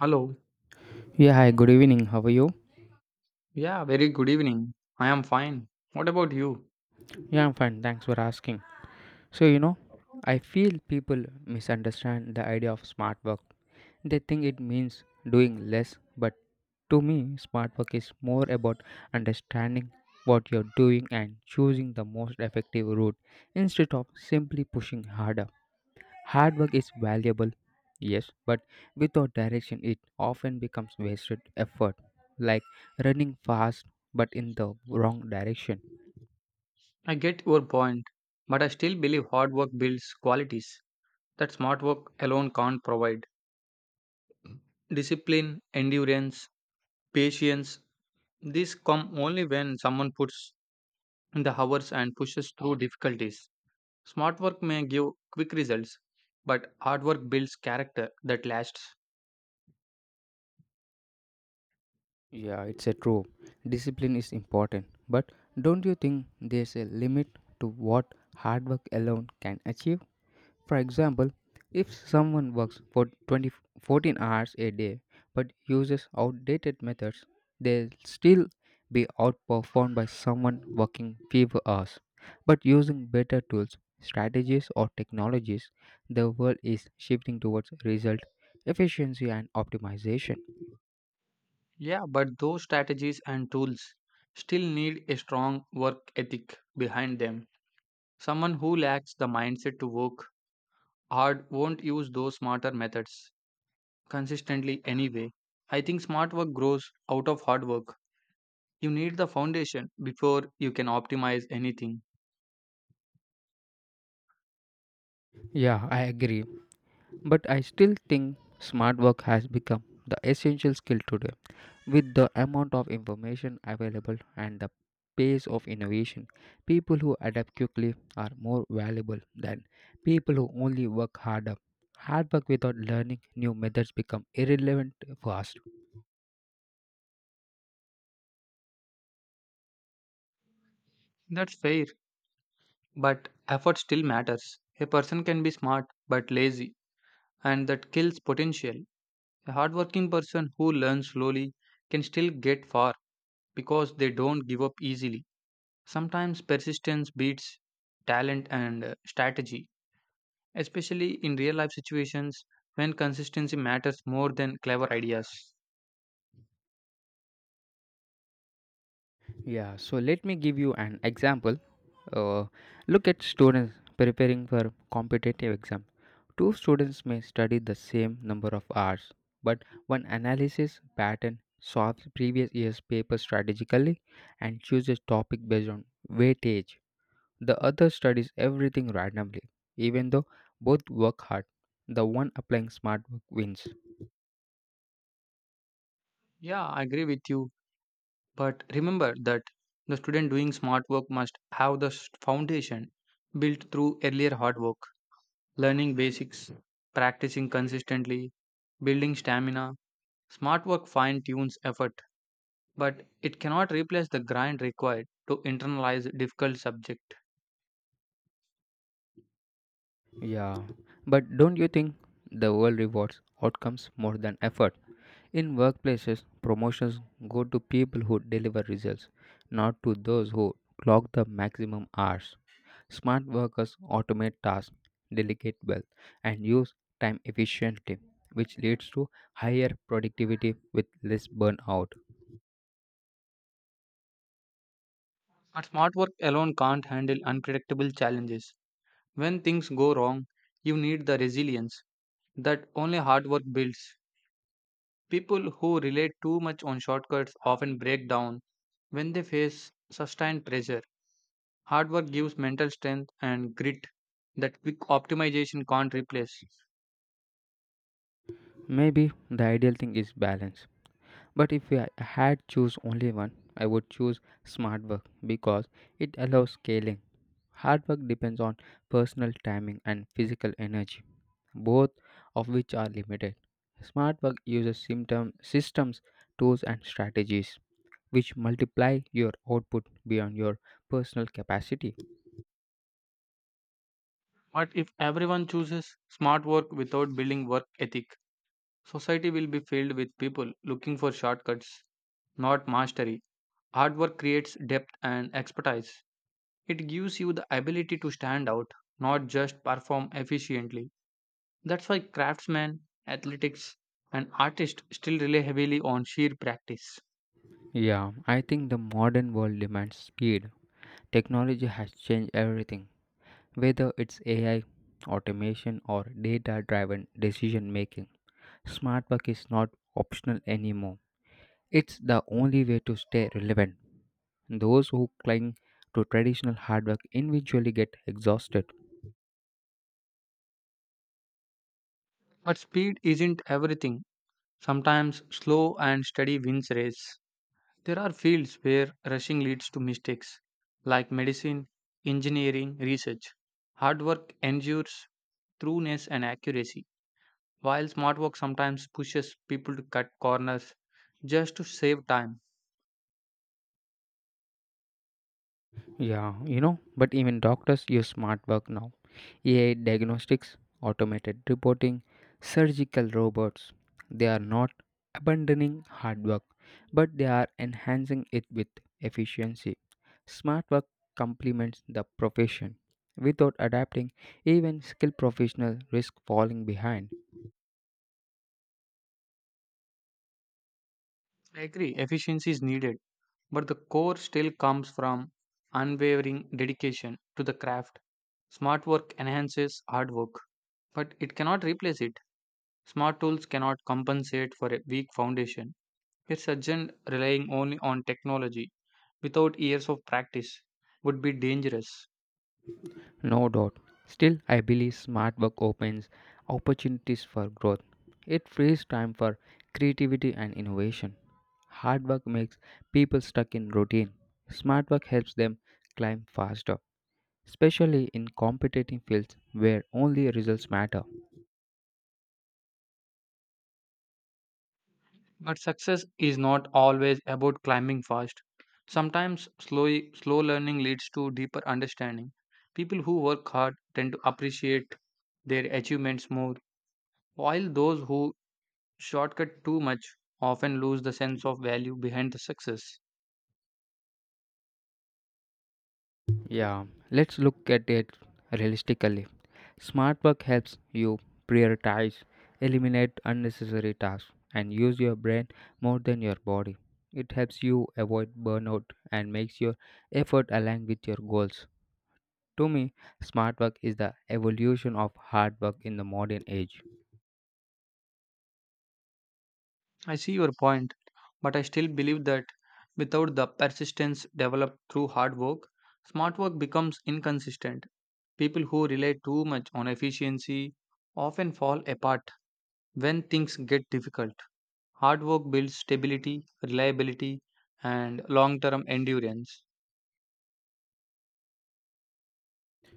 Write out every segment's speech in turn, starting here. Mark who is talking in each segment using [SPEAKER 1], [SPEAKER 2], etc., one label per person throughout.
[SPEAKER 1] Hello.
[SPEAKER 2] Yeah, hi, good evening. How are you?
[SPEAKER 1] Yeah, very good evening. I am fine. What about you?
[SPEAKER 2] Yeah, I'm fine. Thanks for asking. So, I feel people misunderstand the idea of smart work. They think it means doing less, but to me, smart work is more about understanding what you're doing and choosing the most effective route instead of simply pushing harder. Hard work is valuable, yes, but without direction, it often becomes wasted effort, like running fast but in the wrong direction.
[SPEAKER 1] I get your point, but I still believe hard work builds qualities that smart work alone can't provide. Discipline, endurance, patience, these come only when someone puts in the hours and pushes through difficulties. Smart work may give quick results, but hard work builds character that lasts.
[SPEAKER 2] Yeah, it's a true. Discipline is important, but don't you think there's a limit to what hard work alone can achieve? For example, if someone works for 20, 14 hours a day but uses outdated methods, they'll still be outperformed by someone working fewer hours but using better tools, strategies, or technologies. The world is shifting towards result, efficiency, and optimization.
[SPEAKER 1] Yeah, but those strategies and tools still need a strong work ethic behind them. Someone who lacks the mindset to work hard won't use those smarter methods consistently anyway. I think smart work grows out of hard work. You need the foundation before you can optimize anything.
[SPEAKER 2] Yeah, I agree. But I still think smart work has become the essential skill today. With the amount of information available and the pace of innovation, people who adapt quickly are more valuable than people who only work harder. Hard work without learning new methods become irrelevant fast.
[SPEAKER 1] That's fair, but effort still matters. A person can be smart but lazy, and that kills potential. A hardworking person who learns slowly can still get far because they don't give up easily. Sometimes persistence beats talent and strategy, especially in real life situations when consistency matters more than clever ideas.
[SPEAKER 2] Yeah, so let me give you an example. Uh, Look at students preparing for competitive exam. Two students may study the same number of hours, but one analysis pattern solves previous year's paper strategically and chooses topic based on weightage. The other studies everything randomly, even though both work hard. The one applying smart work wins.
[SPEAKER 1] Yeah, I agree with you, but remember that the student doing smart work must have the foundation built through earlier hard work, learning basics, practicing consistently, building stamina. Smart work fine tunes effort, but it cannot replace the grind required to internalize difficult subject.
[SPEAKER 2] Yeah, but don't you think the world rewards outcomes more than effort? In workplaces, promotions go to people who deliver results, not to those who clock the maximum hours. Smart workers automate tasks, delegate well, and use time efficiently, which leads to higher productivity with less burnout.
[SPEAKER 1] But smart work alone can't handle unpredictable challenges. When things go wrong, you need the resilience that only hard work builds. People who rely too much on shortcuts often break down when they face sustained pressure. Hard work gives mental strength and grit that quick optimization can't replace.
[SPEAKER 2] Maybe the ideal thing is balance. But if I had choose only one, I would choose smart work because it allows scaling. Hard work depends on personal timing and physical energy, both of which are limited. Smart work uses symptom, systems, tools, and strategies which multiply your output beyond your personal capacity.
[SPEAKER 1] But if everyone chooses smart work without building work ethic, society will be filled with people looking for shortcuts, not mastery. Hard work creates depth and expertise. It gives you the ability to stand out, not just perform efficiently. That's why craftsmen, athletics, and artists still rely heavily on sheer practice.
[SPEAKER 2] Yeah, I think the modern world demands speed. Technology has changed everything, whether it's AI, automation, or data driven decision making. Smart work is not optional anymore, it's the only way to stay relevant. Those who cling to traditional hard work individually get exhausted.
[SPEAKER 1] But speed isn't everything. Sometimes slow and steady wins race. There are fields where rushing leads to mistakes, like medicine, engineering, research. Hard work endures trueness and accuracy, while smart work sometimes pushes people to cut corners just to save time.
[SPEAKER 2] Yeah, but even doctors use smart work now. AI diagnostics, automated reporting, surgical robots. They are not abandoning hard work, but they are enhancing it with efficiency. Smart work complements the profession. Without adapting, even skilled professionals risk falling behind.
[SPEAKER 1] I agree, efficiency is needed, but the core still comes from unwavering dedication to the craft. Smart work enhances hard work, but it cannot replace it. Smart tools cannot compensate for a weak foundation. A surgeon relying only on technology without years of practice would be dangerous.
[SPEAKER 2] No doubt. Still, I believe smart work opens opportunities for growth. It frees time for creativity and innovation. Hard work makes people stuck in routine. Smart work helps them climb faster, especially in competitive fields where only results matter.
[SPEAKER 1] But success is not always about climbing fast. Sometimes slow learning leads to deeper understanding. People who work hard tend to appreciate their achievements more, while those who shortcut too much often lose the sense of value behind the success.
[SPEAKER 2] Yeah, let's look at it realistically. Smart work helps you prioritize, eliminate unnecessary tasks, and use your brain more than your body. It helps you avoid burnout and makes your effort align with your goals. To me, smart work is the evolution of hard work in the modern age.
[SPEAKER 1] I see your point, but I still believe that without the persistence developed through hard work, smart work becomes inconsistent. People who rely too much on efficiency often fall apart when things get difficult. Hard work builds stability, reliability, and long term endurance.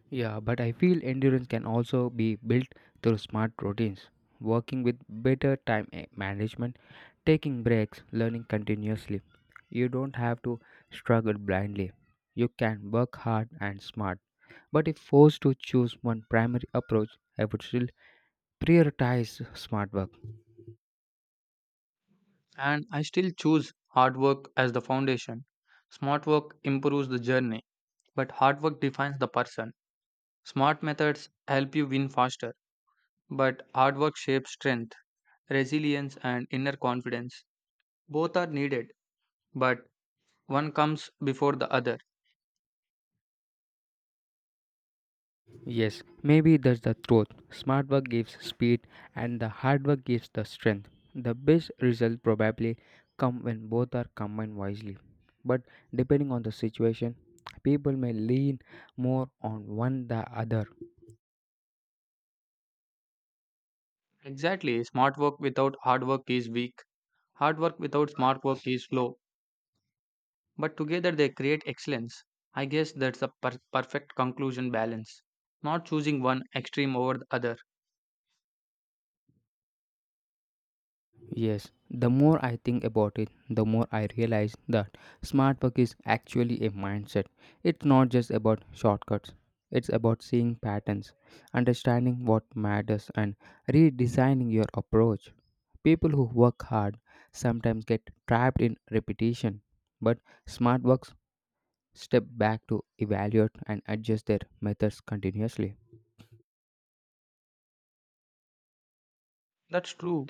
[SPEAKER 2] Yeah, but I feel endurance can also be built through smart routines, working with better time management, taking breaks, learning continuously. You don't have to struggle blindly. You can work hard and smart. But if forced to choose one primary approach, I would still prioritize smart work.
[SPEAKER 1] And I still choose hard work as the foundation. Smart work improves the journey, but hard work defines the person. Smart methods help you win faster, but hard work shapes strength, resilience, and inner confidence. Both are needed, but one comes before the other.
[SPEAKER 2] Yes, maybe that's the truth. Smart work gives speed and the hard work gives the strength. The best results probably come when both are combined wisely. But depending on the situation, people may lean more on one the other.
[SPEAKER 1] Exactly, smart work without hard work is weak. Hard work without smart work is slow, but together they create excellence. I guess that's the perfect conclusion balance, not choosing one extreme over the other.
[SPEAKER 2] Yes, the more I think about it, the more I realize that smart work is actually a mindset. It's not just about shortcuts, it's about seeing patterns, understanding what matters, and redesigning your approach. People who work hard sometimes get trapped in repetition, but smart works step back to evaluate and adjust their methods continuously.
[SPEAKER 1] That's true,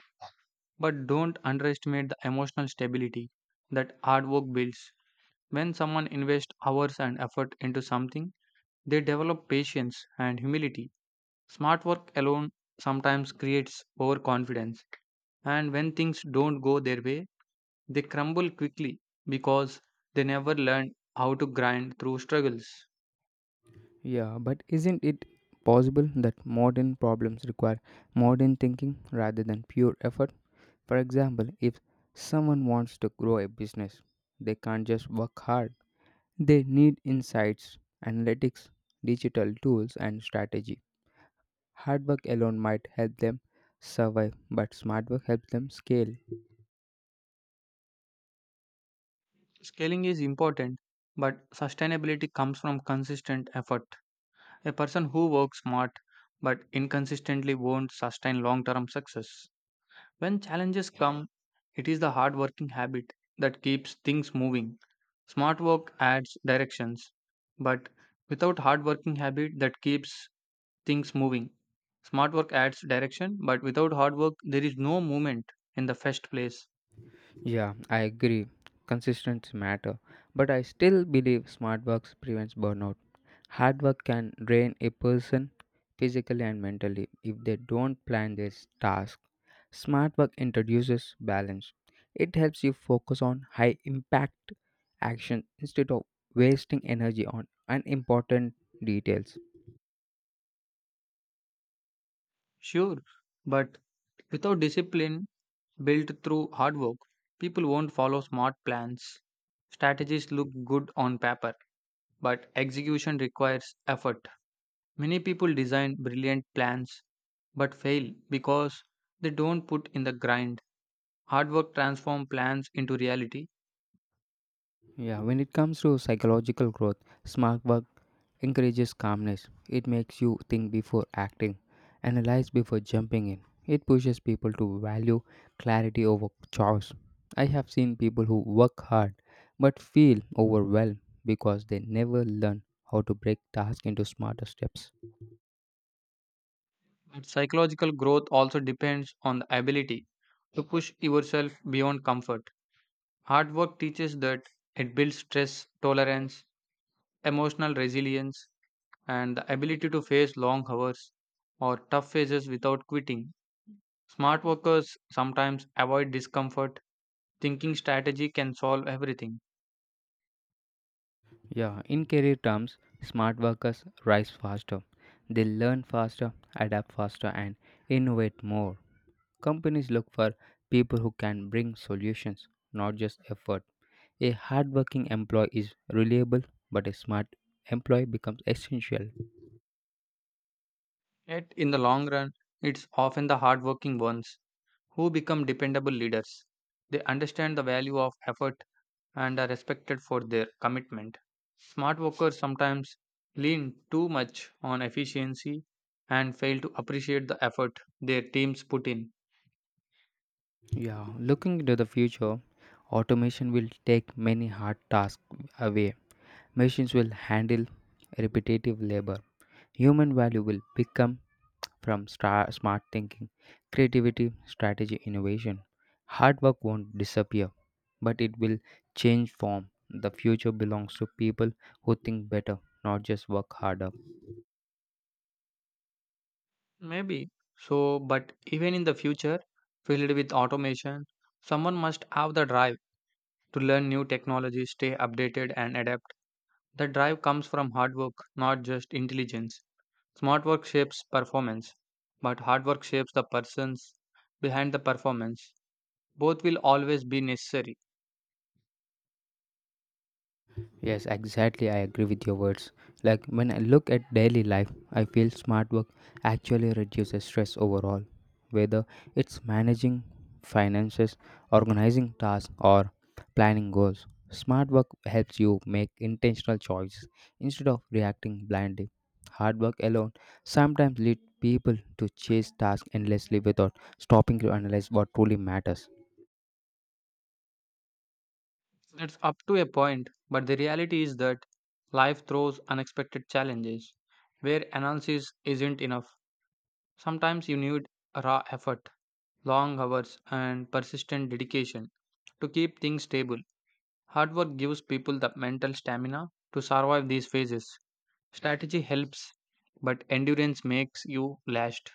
[SPEAKER 1] but don't underestimate the emotional stability that hard work builds. When someone invests hours and effort into something, they develop patience and humility. Smart work alone sometimes creates overconfidence, and when things don't go their way, they crumble quickly because they never learned how to grind through struggles.
[SPEAKER 2] Yeah, but isn't it possible that modern problems require modern thinking rather than pure effort? For example, if someone wants to grow a business, they can't just work hard. They need insights, analytics, digital tools, and strategy. Hard work alone might help them survive, but smart work helps them scale.
[SPEAKER 1] Scaling is important, but sustainability comes from consistent effort. A person who works smart but inconsistently won't sustain long term success. When challenges come, it is the hard working habit that keeps things moving. Smart work adds directions, but without hard working habit that keeps things moving. Smart work adds direction, but without hard work, there is no movement in the first place.
[SPEAKER 2] Yeah, I agree. Consistency matter, but I still believe smart work prevents burnout. Hard work can drain a person physically and mentally if they don't plan their task. Smart work introduces balance. It helps you focus on high impact action instead of wasting energy on unimportant details.
[SPEAKER 1] Sure, but without discipline built through hard work, people won't follow smart plans. Strategies look good on paper, but execution requires effort. Many people design brilliant plans but fail because they don't put in the grind. Hard work transforms plans into reality,
[SPEAKER 2] Yeah, when it comes to psychological growth, smart work encourages calmness. It makes you think before acting, analyze before jumping in. It pushes people to value clarity over chores. I have seen people who work hard but feel overwhelmed because they never learn how to break tasks into smarter steps.
[SPEAKER 1] but psychological growth also depends on the ability to push yourself beyond comfort. Hard work teaches that. It builds stress tolerance, emotional resilience, and the ability to face long hours or tough phases without quitting. Smart workers sometimes avoid discomfort, thinking strategy can solve everything.
[SPEAKER 2] Yeah, in career terms, smart workers rise faster. They learn faster, adapt faster, and innovate more. Companies look for people who can bring solutions, not just effort. A hardworking employee is reliable, but a smart employee becomes essential.
[SPEAKER 1] Yet, in the long run, it's often the hardworking ones who become dependable leaders. They understand the value of effort and are respected for their commitment. Smart workers sometimes lean too much on efficiency and fail to appreciate the effort their teams put in.
[SPEAKER 2] Yeah, looking into the future, automation will take many hard tasks away. Machines will handle repetitive labor. Human value will become from smart thinking, creativity, strategy, innovation. Hard work won't disappear, but it will change form. The future belongs to people who think better, not just work harder.
[SPEAKER 1] Maybe. So, but even in the future, filled with automation, someone must have the drive to learn new technologies, stay updated, and adapt. The drive comes from hard work, not just intelligence. Smart work shapes performance, but hard work shapes the persons behind the performance. Both will always be necessary.
[SPEAKER 2] Yes, exactly. I agree with your words. Like when I look at daily life, I feel smart work actually reduces stress overall. Whether it's managing finances, organizing tasks, or planning goals, smart work helps you make intentional choices instead of reacting blindly. Hard work alone sometimes leads people to chase tasks endlessly without stopping to analyze what truly matters.
[SPEAKER 1] It's up to a point, but the reality is that life throws unexpected challenges where analysis isn't enough. Sometimes you need raw effort, long hours, and persistent dedication to keep things stable. Hard work gives people the mental stamina to survive these phases. Strategy helps, but endurance makes you last.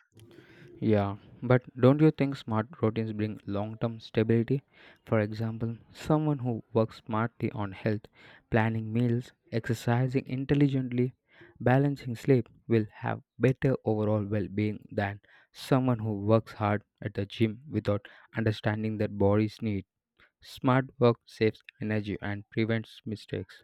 [SPEAKER 2] Yeah, but don't you think smart routines bring long term stability? For example, someone who works smartly on health, planning meals, exercising intelligently, balancing sleep will have better overall well being than someone who works hard at the gym without understanding their body's need. Smart work saves energy and prevents mistakes.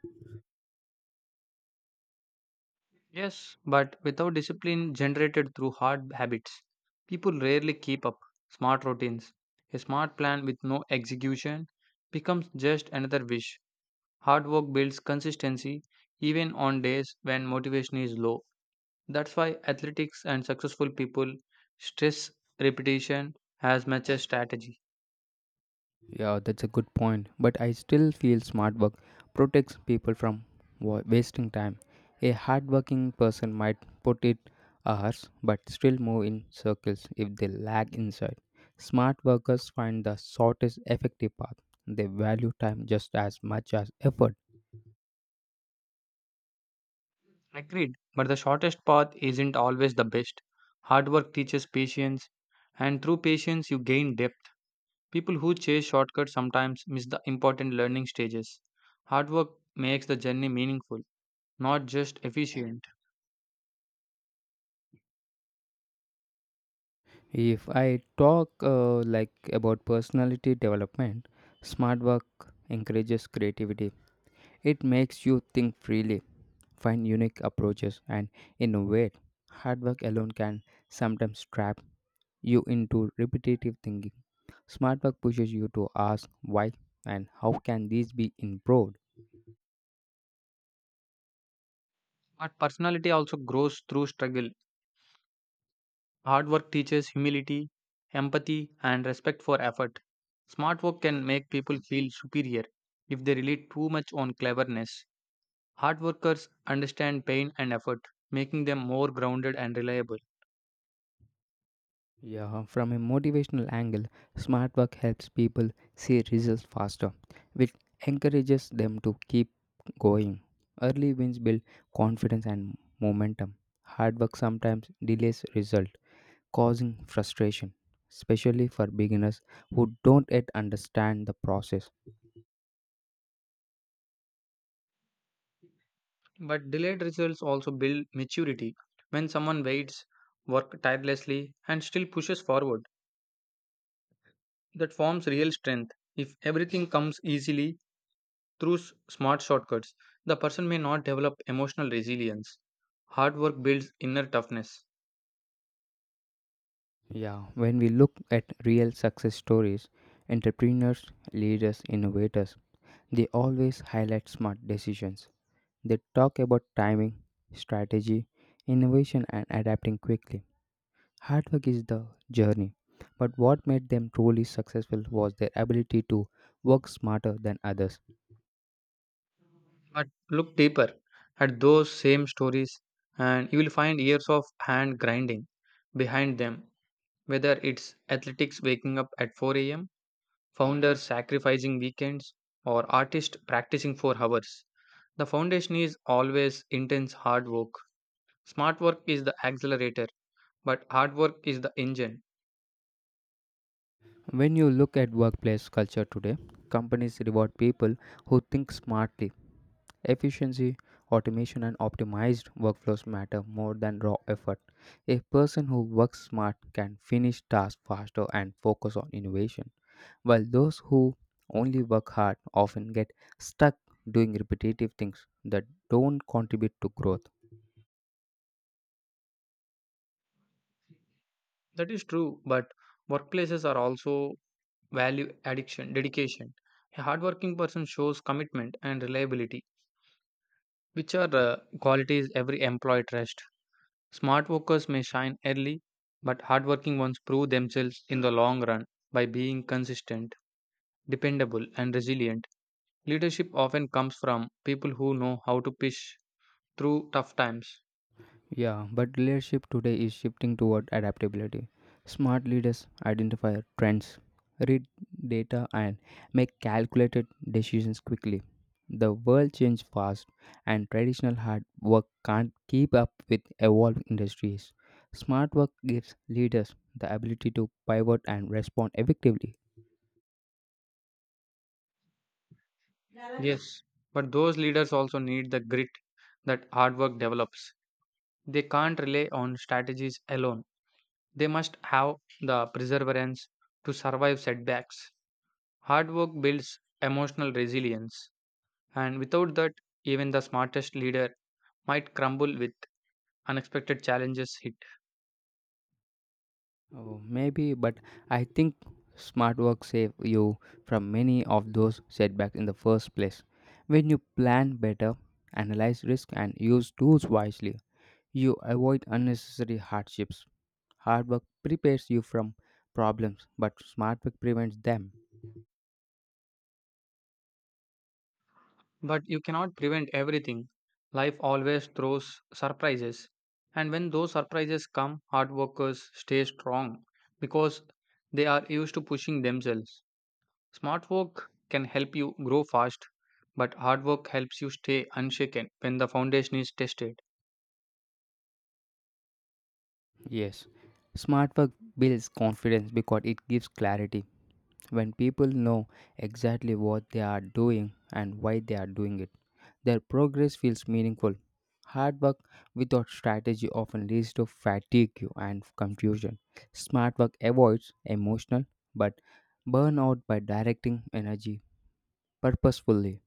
[SPEAKER 1] Yes, but without discipline generated through hard habits, people rarely keep up smart routines. A smart plan with no execution becomes just another wish. Hard work builds consistency even on days when motivation is low. That's why athletics and successful people stress repetition as much as strategy.
[SPEAKER 2] Yeah, that's a good point. But I still feel smart work protects people from wasting time. A hardworking person might put in hours but still move in circles if they lack insight. Smart workers find the shortest effective path. They value time just as much as effort.
[SPEAKER 1] Agreed. But the shortest path isn't always the best. Hard work teaches patience, and through patience, you gain depth. People who chase shortcuts sometimes miss the important learning stages. Hard work makes the journey meaningful, not just efficient.
[SPEAKER 2] If I talk like about personality development, smart work encourages creativity. It makes you think freely, find unique approaches, and innovate. Hard work alone can sometimes trap you into repetitive thinking. Smart work pushes you to ask why and how can these be improved.
[SPEAKER 1] But personality also grows through struggle. Hard work teaches humility, empathy, and respect for effort. Smart work can make people feel superior if they rely too much on cleverness. Hard workers understand pain and effort, making them more grounded and reliable.
[SPEAKER 2] Yeah, from a motivational angle, smart work helps people see results faster, which encourages them to keep going. Early wins build confidence and momentum. Hard work sometimes delays results causing frustration, especially for beginners who don't yet understand the process.
[SPEAKER 1] But delayed results also build maturity. When someone waits, works tirelessly, and still pushes forward, that forms real strength. If everything comes easily, through smart shortcuts, the person may not develop emotional resilience. Hard work builds inner toughness.
[SPEAKER 2] Yeah, when we look at real success stories, entrepreneurs, leaders, innovators, they always highlight smart decisions. They talk about timing, strategy, innovation, and adapting quickly. Hard work is the journey, but what made them truly successful was their ability to work smarter than others.
[SPEAKER 1] But look deeper at those same stories, and you will find years of hand grinding behind them, whether it's athletics waking up at 4 a.m., founders sacrificing weekends, or artists practicing for hours. The foundation is always intense hard work. Smart work is the accelerator, but hard work is the engine.
[SPEAKER 2] When you look at workplace culture today, companies reward people who think smartly. Efficiency, automation, and optimized workflows matter more than raw effort. A person who works smart can finish tasks faster and focus on innovation, while those who only work hard often get stuck doing repetitive things that don't contribute to growth.
[SPEAKER 1] That is true, but workplaces are also value addiction, dedication. A hardworking person shows commitment and reliability, which are qualities every employee trusts. Smart workers may shine early, but hardworking ones prove themselves in the long run by being consistent, dependable, and resilient. Leadership often comes from people who know how to push through tough times.
[SPEAKER 2] Yeah, but leadership today is shifting toward adaptability. Smart leaders identify trends, read data, and make calculated decisions quickly. The world changes fast, and traditional hard work can't keep up with evolving industries. Smart work gives leaders the ability to pivot and respond effectively.
[SPEAKER 1] Yes, but those leaders also need the grit that hard work develops. They can't rely on strategies alone. They must have the perseverance to survive setbacks. Hard work builds emotional resilience, and without that, even the smartest leader might crumble with unexpected challenges hit.
[SPEAKER 2] Oh, maybe, but I think smart work save you from many of those setbacks in the first place. When you plan better, analyze risk, and use tools wisely, you avoid unnecessary hardships. Hard work prepares you from problems, but smart work prevents them.
[SPEAKER 1] But you cannot prevent everything. Life always throws surprises, and when those surprises come, hard workers stay strong because they are used to pushing themselves. Smart work can help you grow fast, but hard work helps you stay unshaken when the foundation is tested.
[SPEAKER 2] Yes, smart work builds confidence because it gives clarity. When people know exactly what they are doing and why they are doing it, their progress feels meaningful. Hard work without strategy often leads to fatigue and confusion. Smart work avoids emotional but burnout by directing energy purposefully.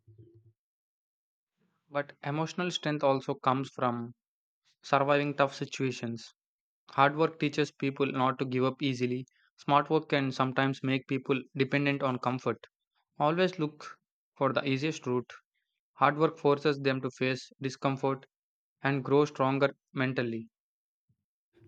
[SPEAKER 1] But emotional strength also comes from surviving tough situations. Hard work teaches people not to give up easily. Smart work can sometimes make people dependent on comfort. Always look for the easiest route. Hard work forces them to face discomfort and grow stronger mentally.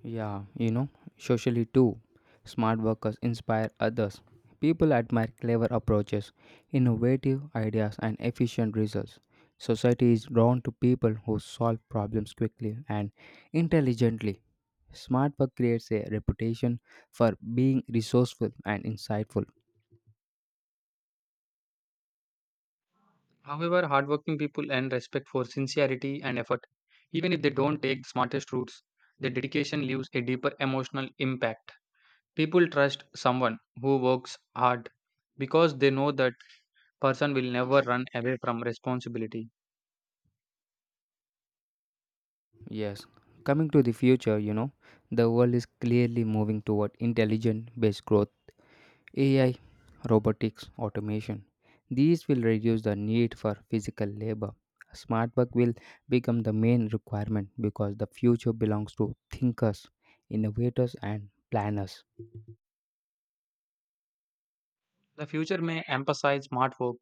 [SPEAKER 2] Yeah, socially too. Smart workers inspire others. People admire clever approaches, innovative ideas, and efficient results. Society is drawn to people who solve problems quickly and intelligently. Smart work creates a reputation for being resourceful and insightful.
[SPEAKER 1] However, hardworking people earn respect for sincerity and effort, even if they don't take the smartest routes, their dedication leaves a deeper emotional impact. People trust someone who works hard because they know that person will never run away from responsibility.
[SPEAKER 2] Yes. Coming to the future, the world is clearly moving toward intelligent based growth, AI, robotics, automation. These will reduce the need for physical labor. Smart work will become the main requirement because the future belongs to thinkers, innovators, and planners.
[SPEAKER 1] The future may emphasize smart work,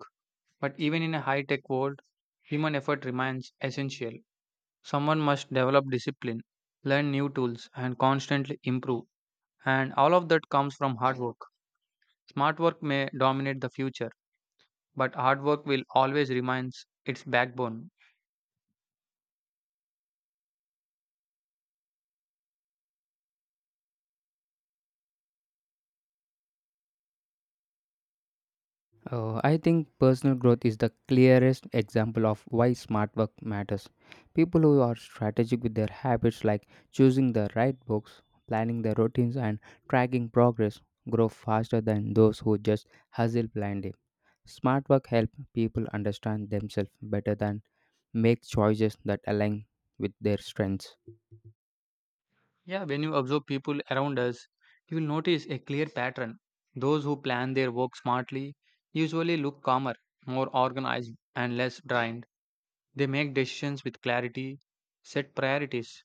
[SPEAKER 1] but even in a high-tech world, human effort remains essential. Someone must develop discipline, learn new tools, and constantly improve. And all of that comes from hard work. Smart work may dominate the future but hard work will always remains its backbone.
[SPEAKER 2] I think personal growth is the clearest example of why smart work matters. People who are strategic with their habits, like choosing the right books, planning their routines, and tracking progress, grow faster than those who just hustle blindly. Smart work helps people understand themselves better than make choices that align with their strengths.
[SPEAKER 1] Yeah, when you observe people around us, you will notice a clear pattern. Those who plan their work smartly usually look calmer, more organized, and less drained. They make decisions with clarity, set priorities,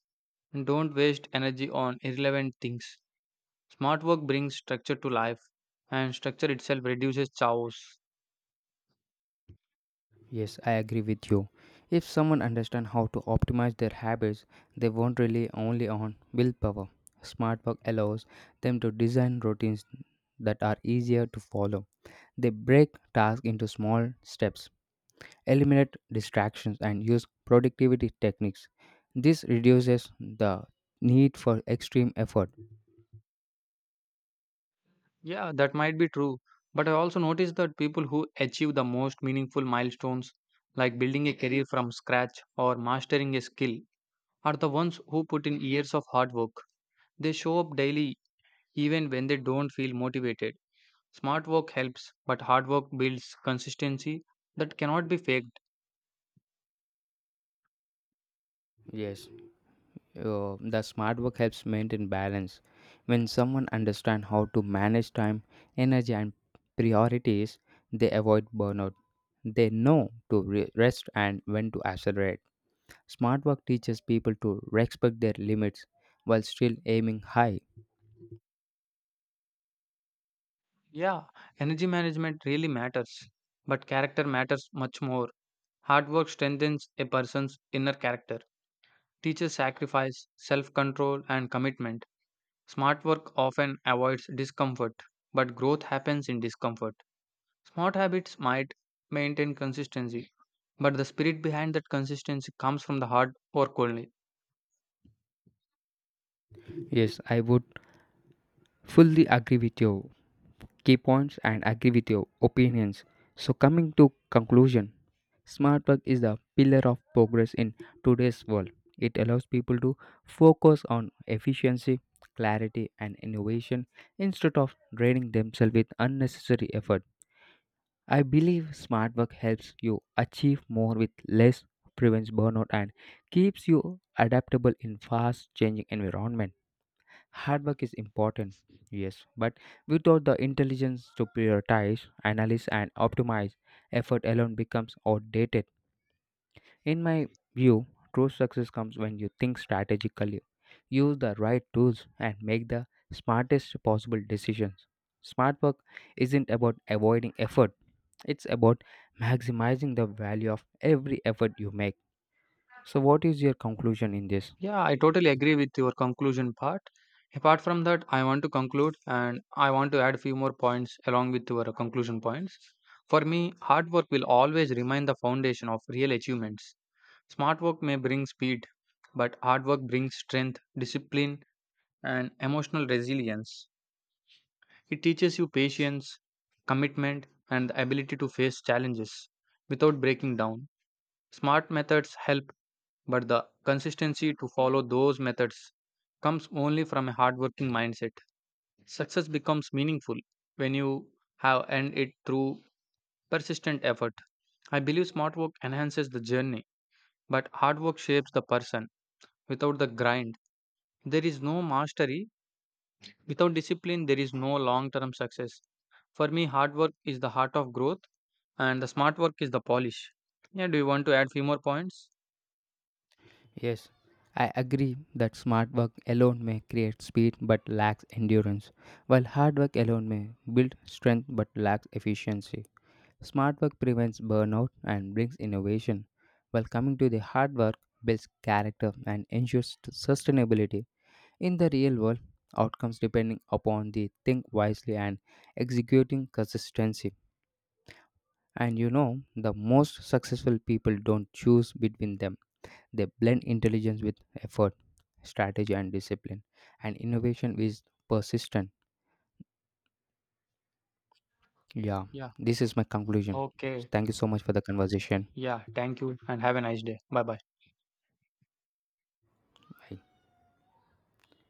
[SPEAKER 1] and don't waste energy on irrelevant things. Smart work brings structure to life, and structure itself reduces chaos.
[SPEAKER 2] Yes, I agree with you. If someone understands how to optimize their habits, they won't rely only on willpower. Smart work allows them to design routines that are easier to follow. They break tasks into small steps, eliminate distractions, and use productivity techniques. This reduces the need for extreme effort.
[SPEAKER 1] Yeah, that might be true. But I also noticed that people who achieve the most meaningful milestones, like building a career from scratch or mastering a skill, are the ones who put in years of hard work. They show up daily even when they don't feel motivated. Smart work helps, but hard work builds consistency that cannot be faked.
[SPEAKER 2] Yes. The smart work helps maintain balance. When someone understands how to manage time, energy, and priorities, they avoid burnout. They know to rest and when to accelerate. Smart work teaches people to respect their limits while still aiming high.
[SPEAKER 1] Yeah, energy management really matters, but character matters much more. Hard work strengthens a person's inner character, teaches sacrifice, self control, and commitment. Smart work often avoids discomfort, but growth happens in discomfort. Smart habits might maintain consistency, but the spirit behind that consistency comes from the hard work only.
[SPEAKER 2] Yes, I would fully agree with you. Key points and agree with your opinions. So, coming to conclusion, smart work is the pillar of progress in today's world. It allows people to focus on efficiency, clarity, and innovation instead of draining themselves with unnecessary effort. I believe smart work helps you achieve more with less, prevents burnout, and keeps you adaptable in fast changing environment. Hard work is important, yes, but without the intelligence to prioritize, analyze, and optimize, effort alone becomes outdated. In my view, true success comes when you think strategically, use the right tools, and make the smartest possible decisions. Smart work isn't about avoiding effort, it's about maximizing the value of every effort you make. So, what is your conclusion in this?
[SPEAKER 1] Yeah, I totally agree with your conclusion part. Apart from that, I want to conclude and I want to add few more points along with your conclusion points. For me, hard work will always remain the foundation of real achievements. Smart work may bring speed, but hard work brings strength, discipline, and emotional resilience. It teaches you patience, commitment, and the ability to face challenges without breaking down. Smart methods help, but the consistency to follow those methods comes only from a hardworking mindset. Success becomes meaningful when you have earned it through persistent effort. I believe smart work enhances the journey, but hard work shapes the person. Without the grind, there is no mastery. Without discipline, there is no long term success. For me, hard work is the heart of growth and the smart work is the polish. Yeah, do you want to add few more points?
[SPEAKER 2] Yes, I agree that smart work alone may create speed but lacks endurance, while hard work alone may build strength but lacks efficiency. Smart work prevents burnout and brings innovation, while coming to the hard work builds character and ensures sustainability. In the real world, outcomes depending upon the think wisely and executing consistency. And the most successful people don't choose between them, they blend intelligence with effort, strategy, and discipline, and innovation is persistent. Yeah,
[SPEAKER 1] Yeah.
[SPEAKER 2] this is my conclusion.
[SPEAKER 1] Okay.
[SPEAKER 2] Thank you so much for the conversation.
[SPEAKER 1] Yeah, thank you and have a nice day. Bye bye.
[SPEAKER 2] Bye.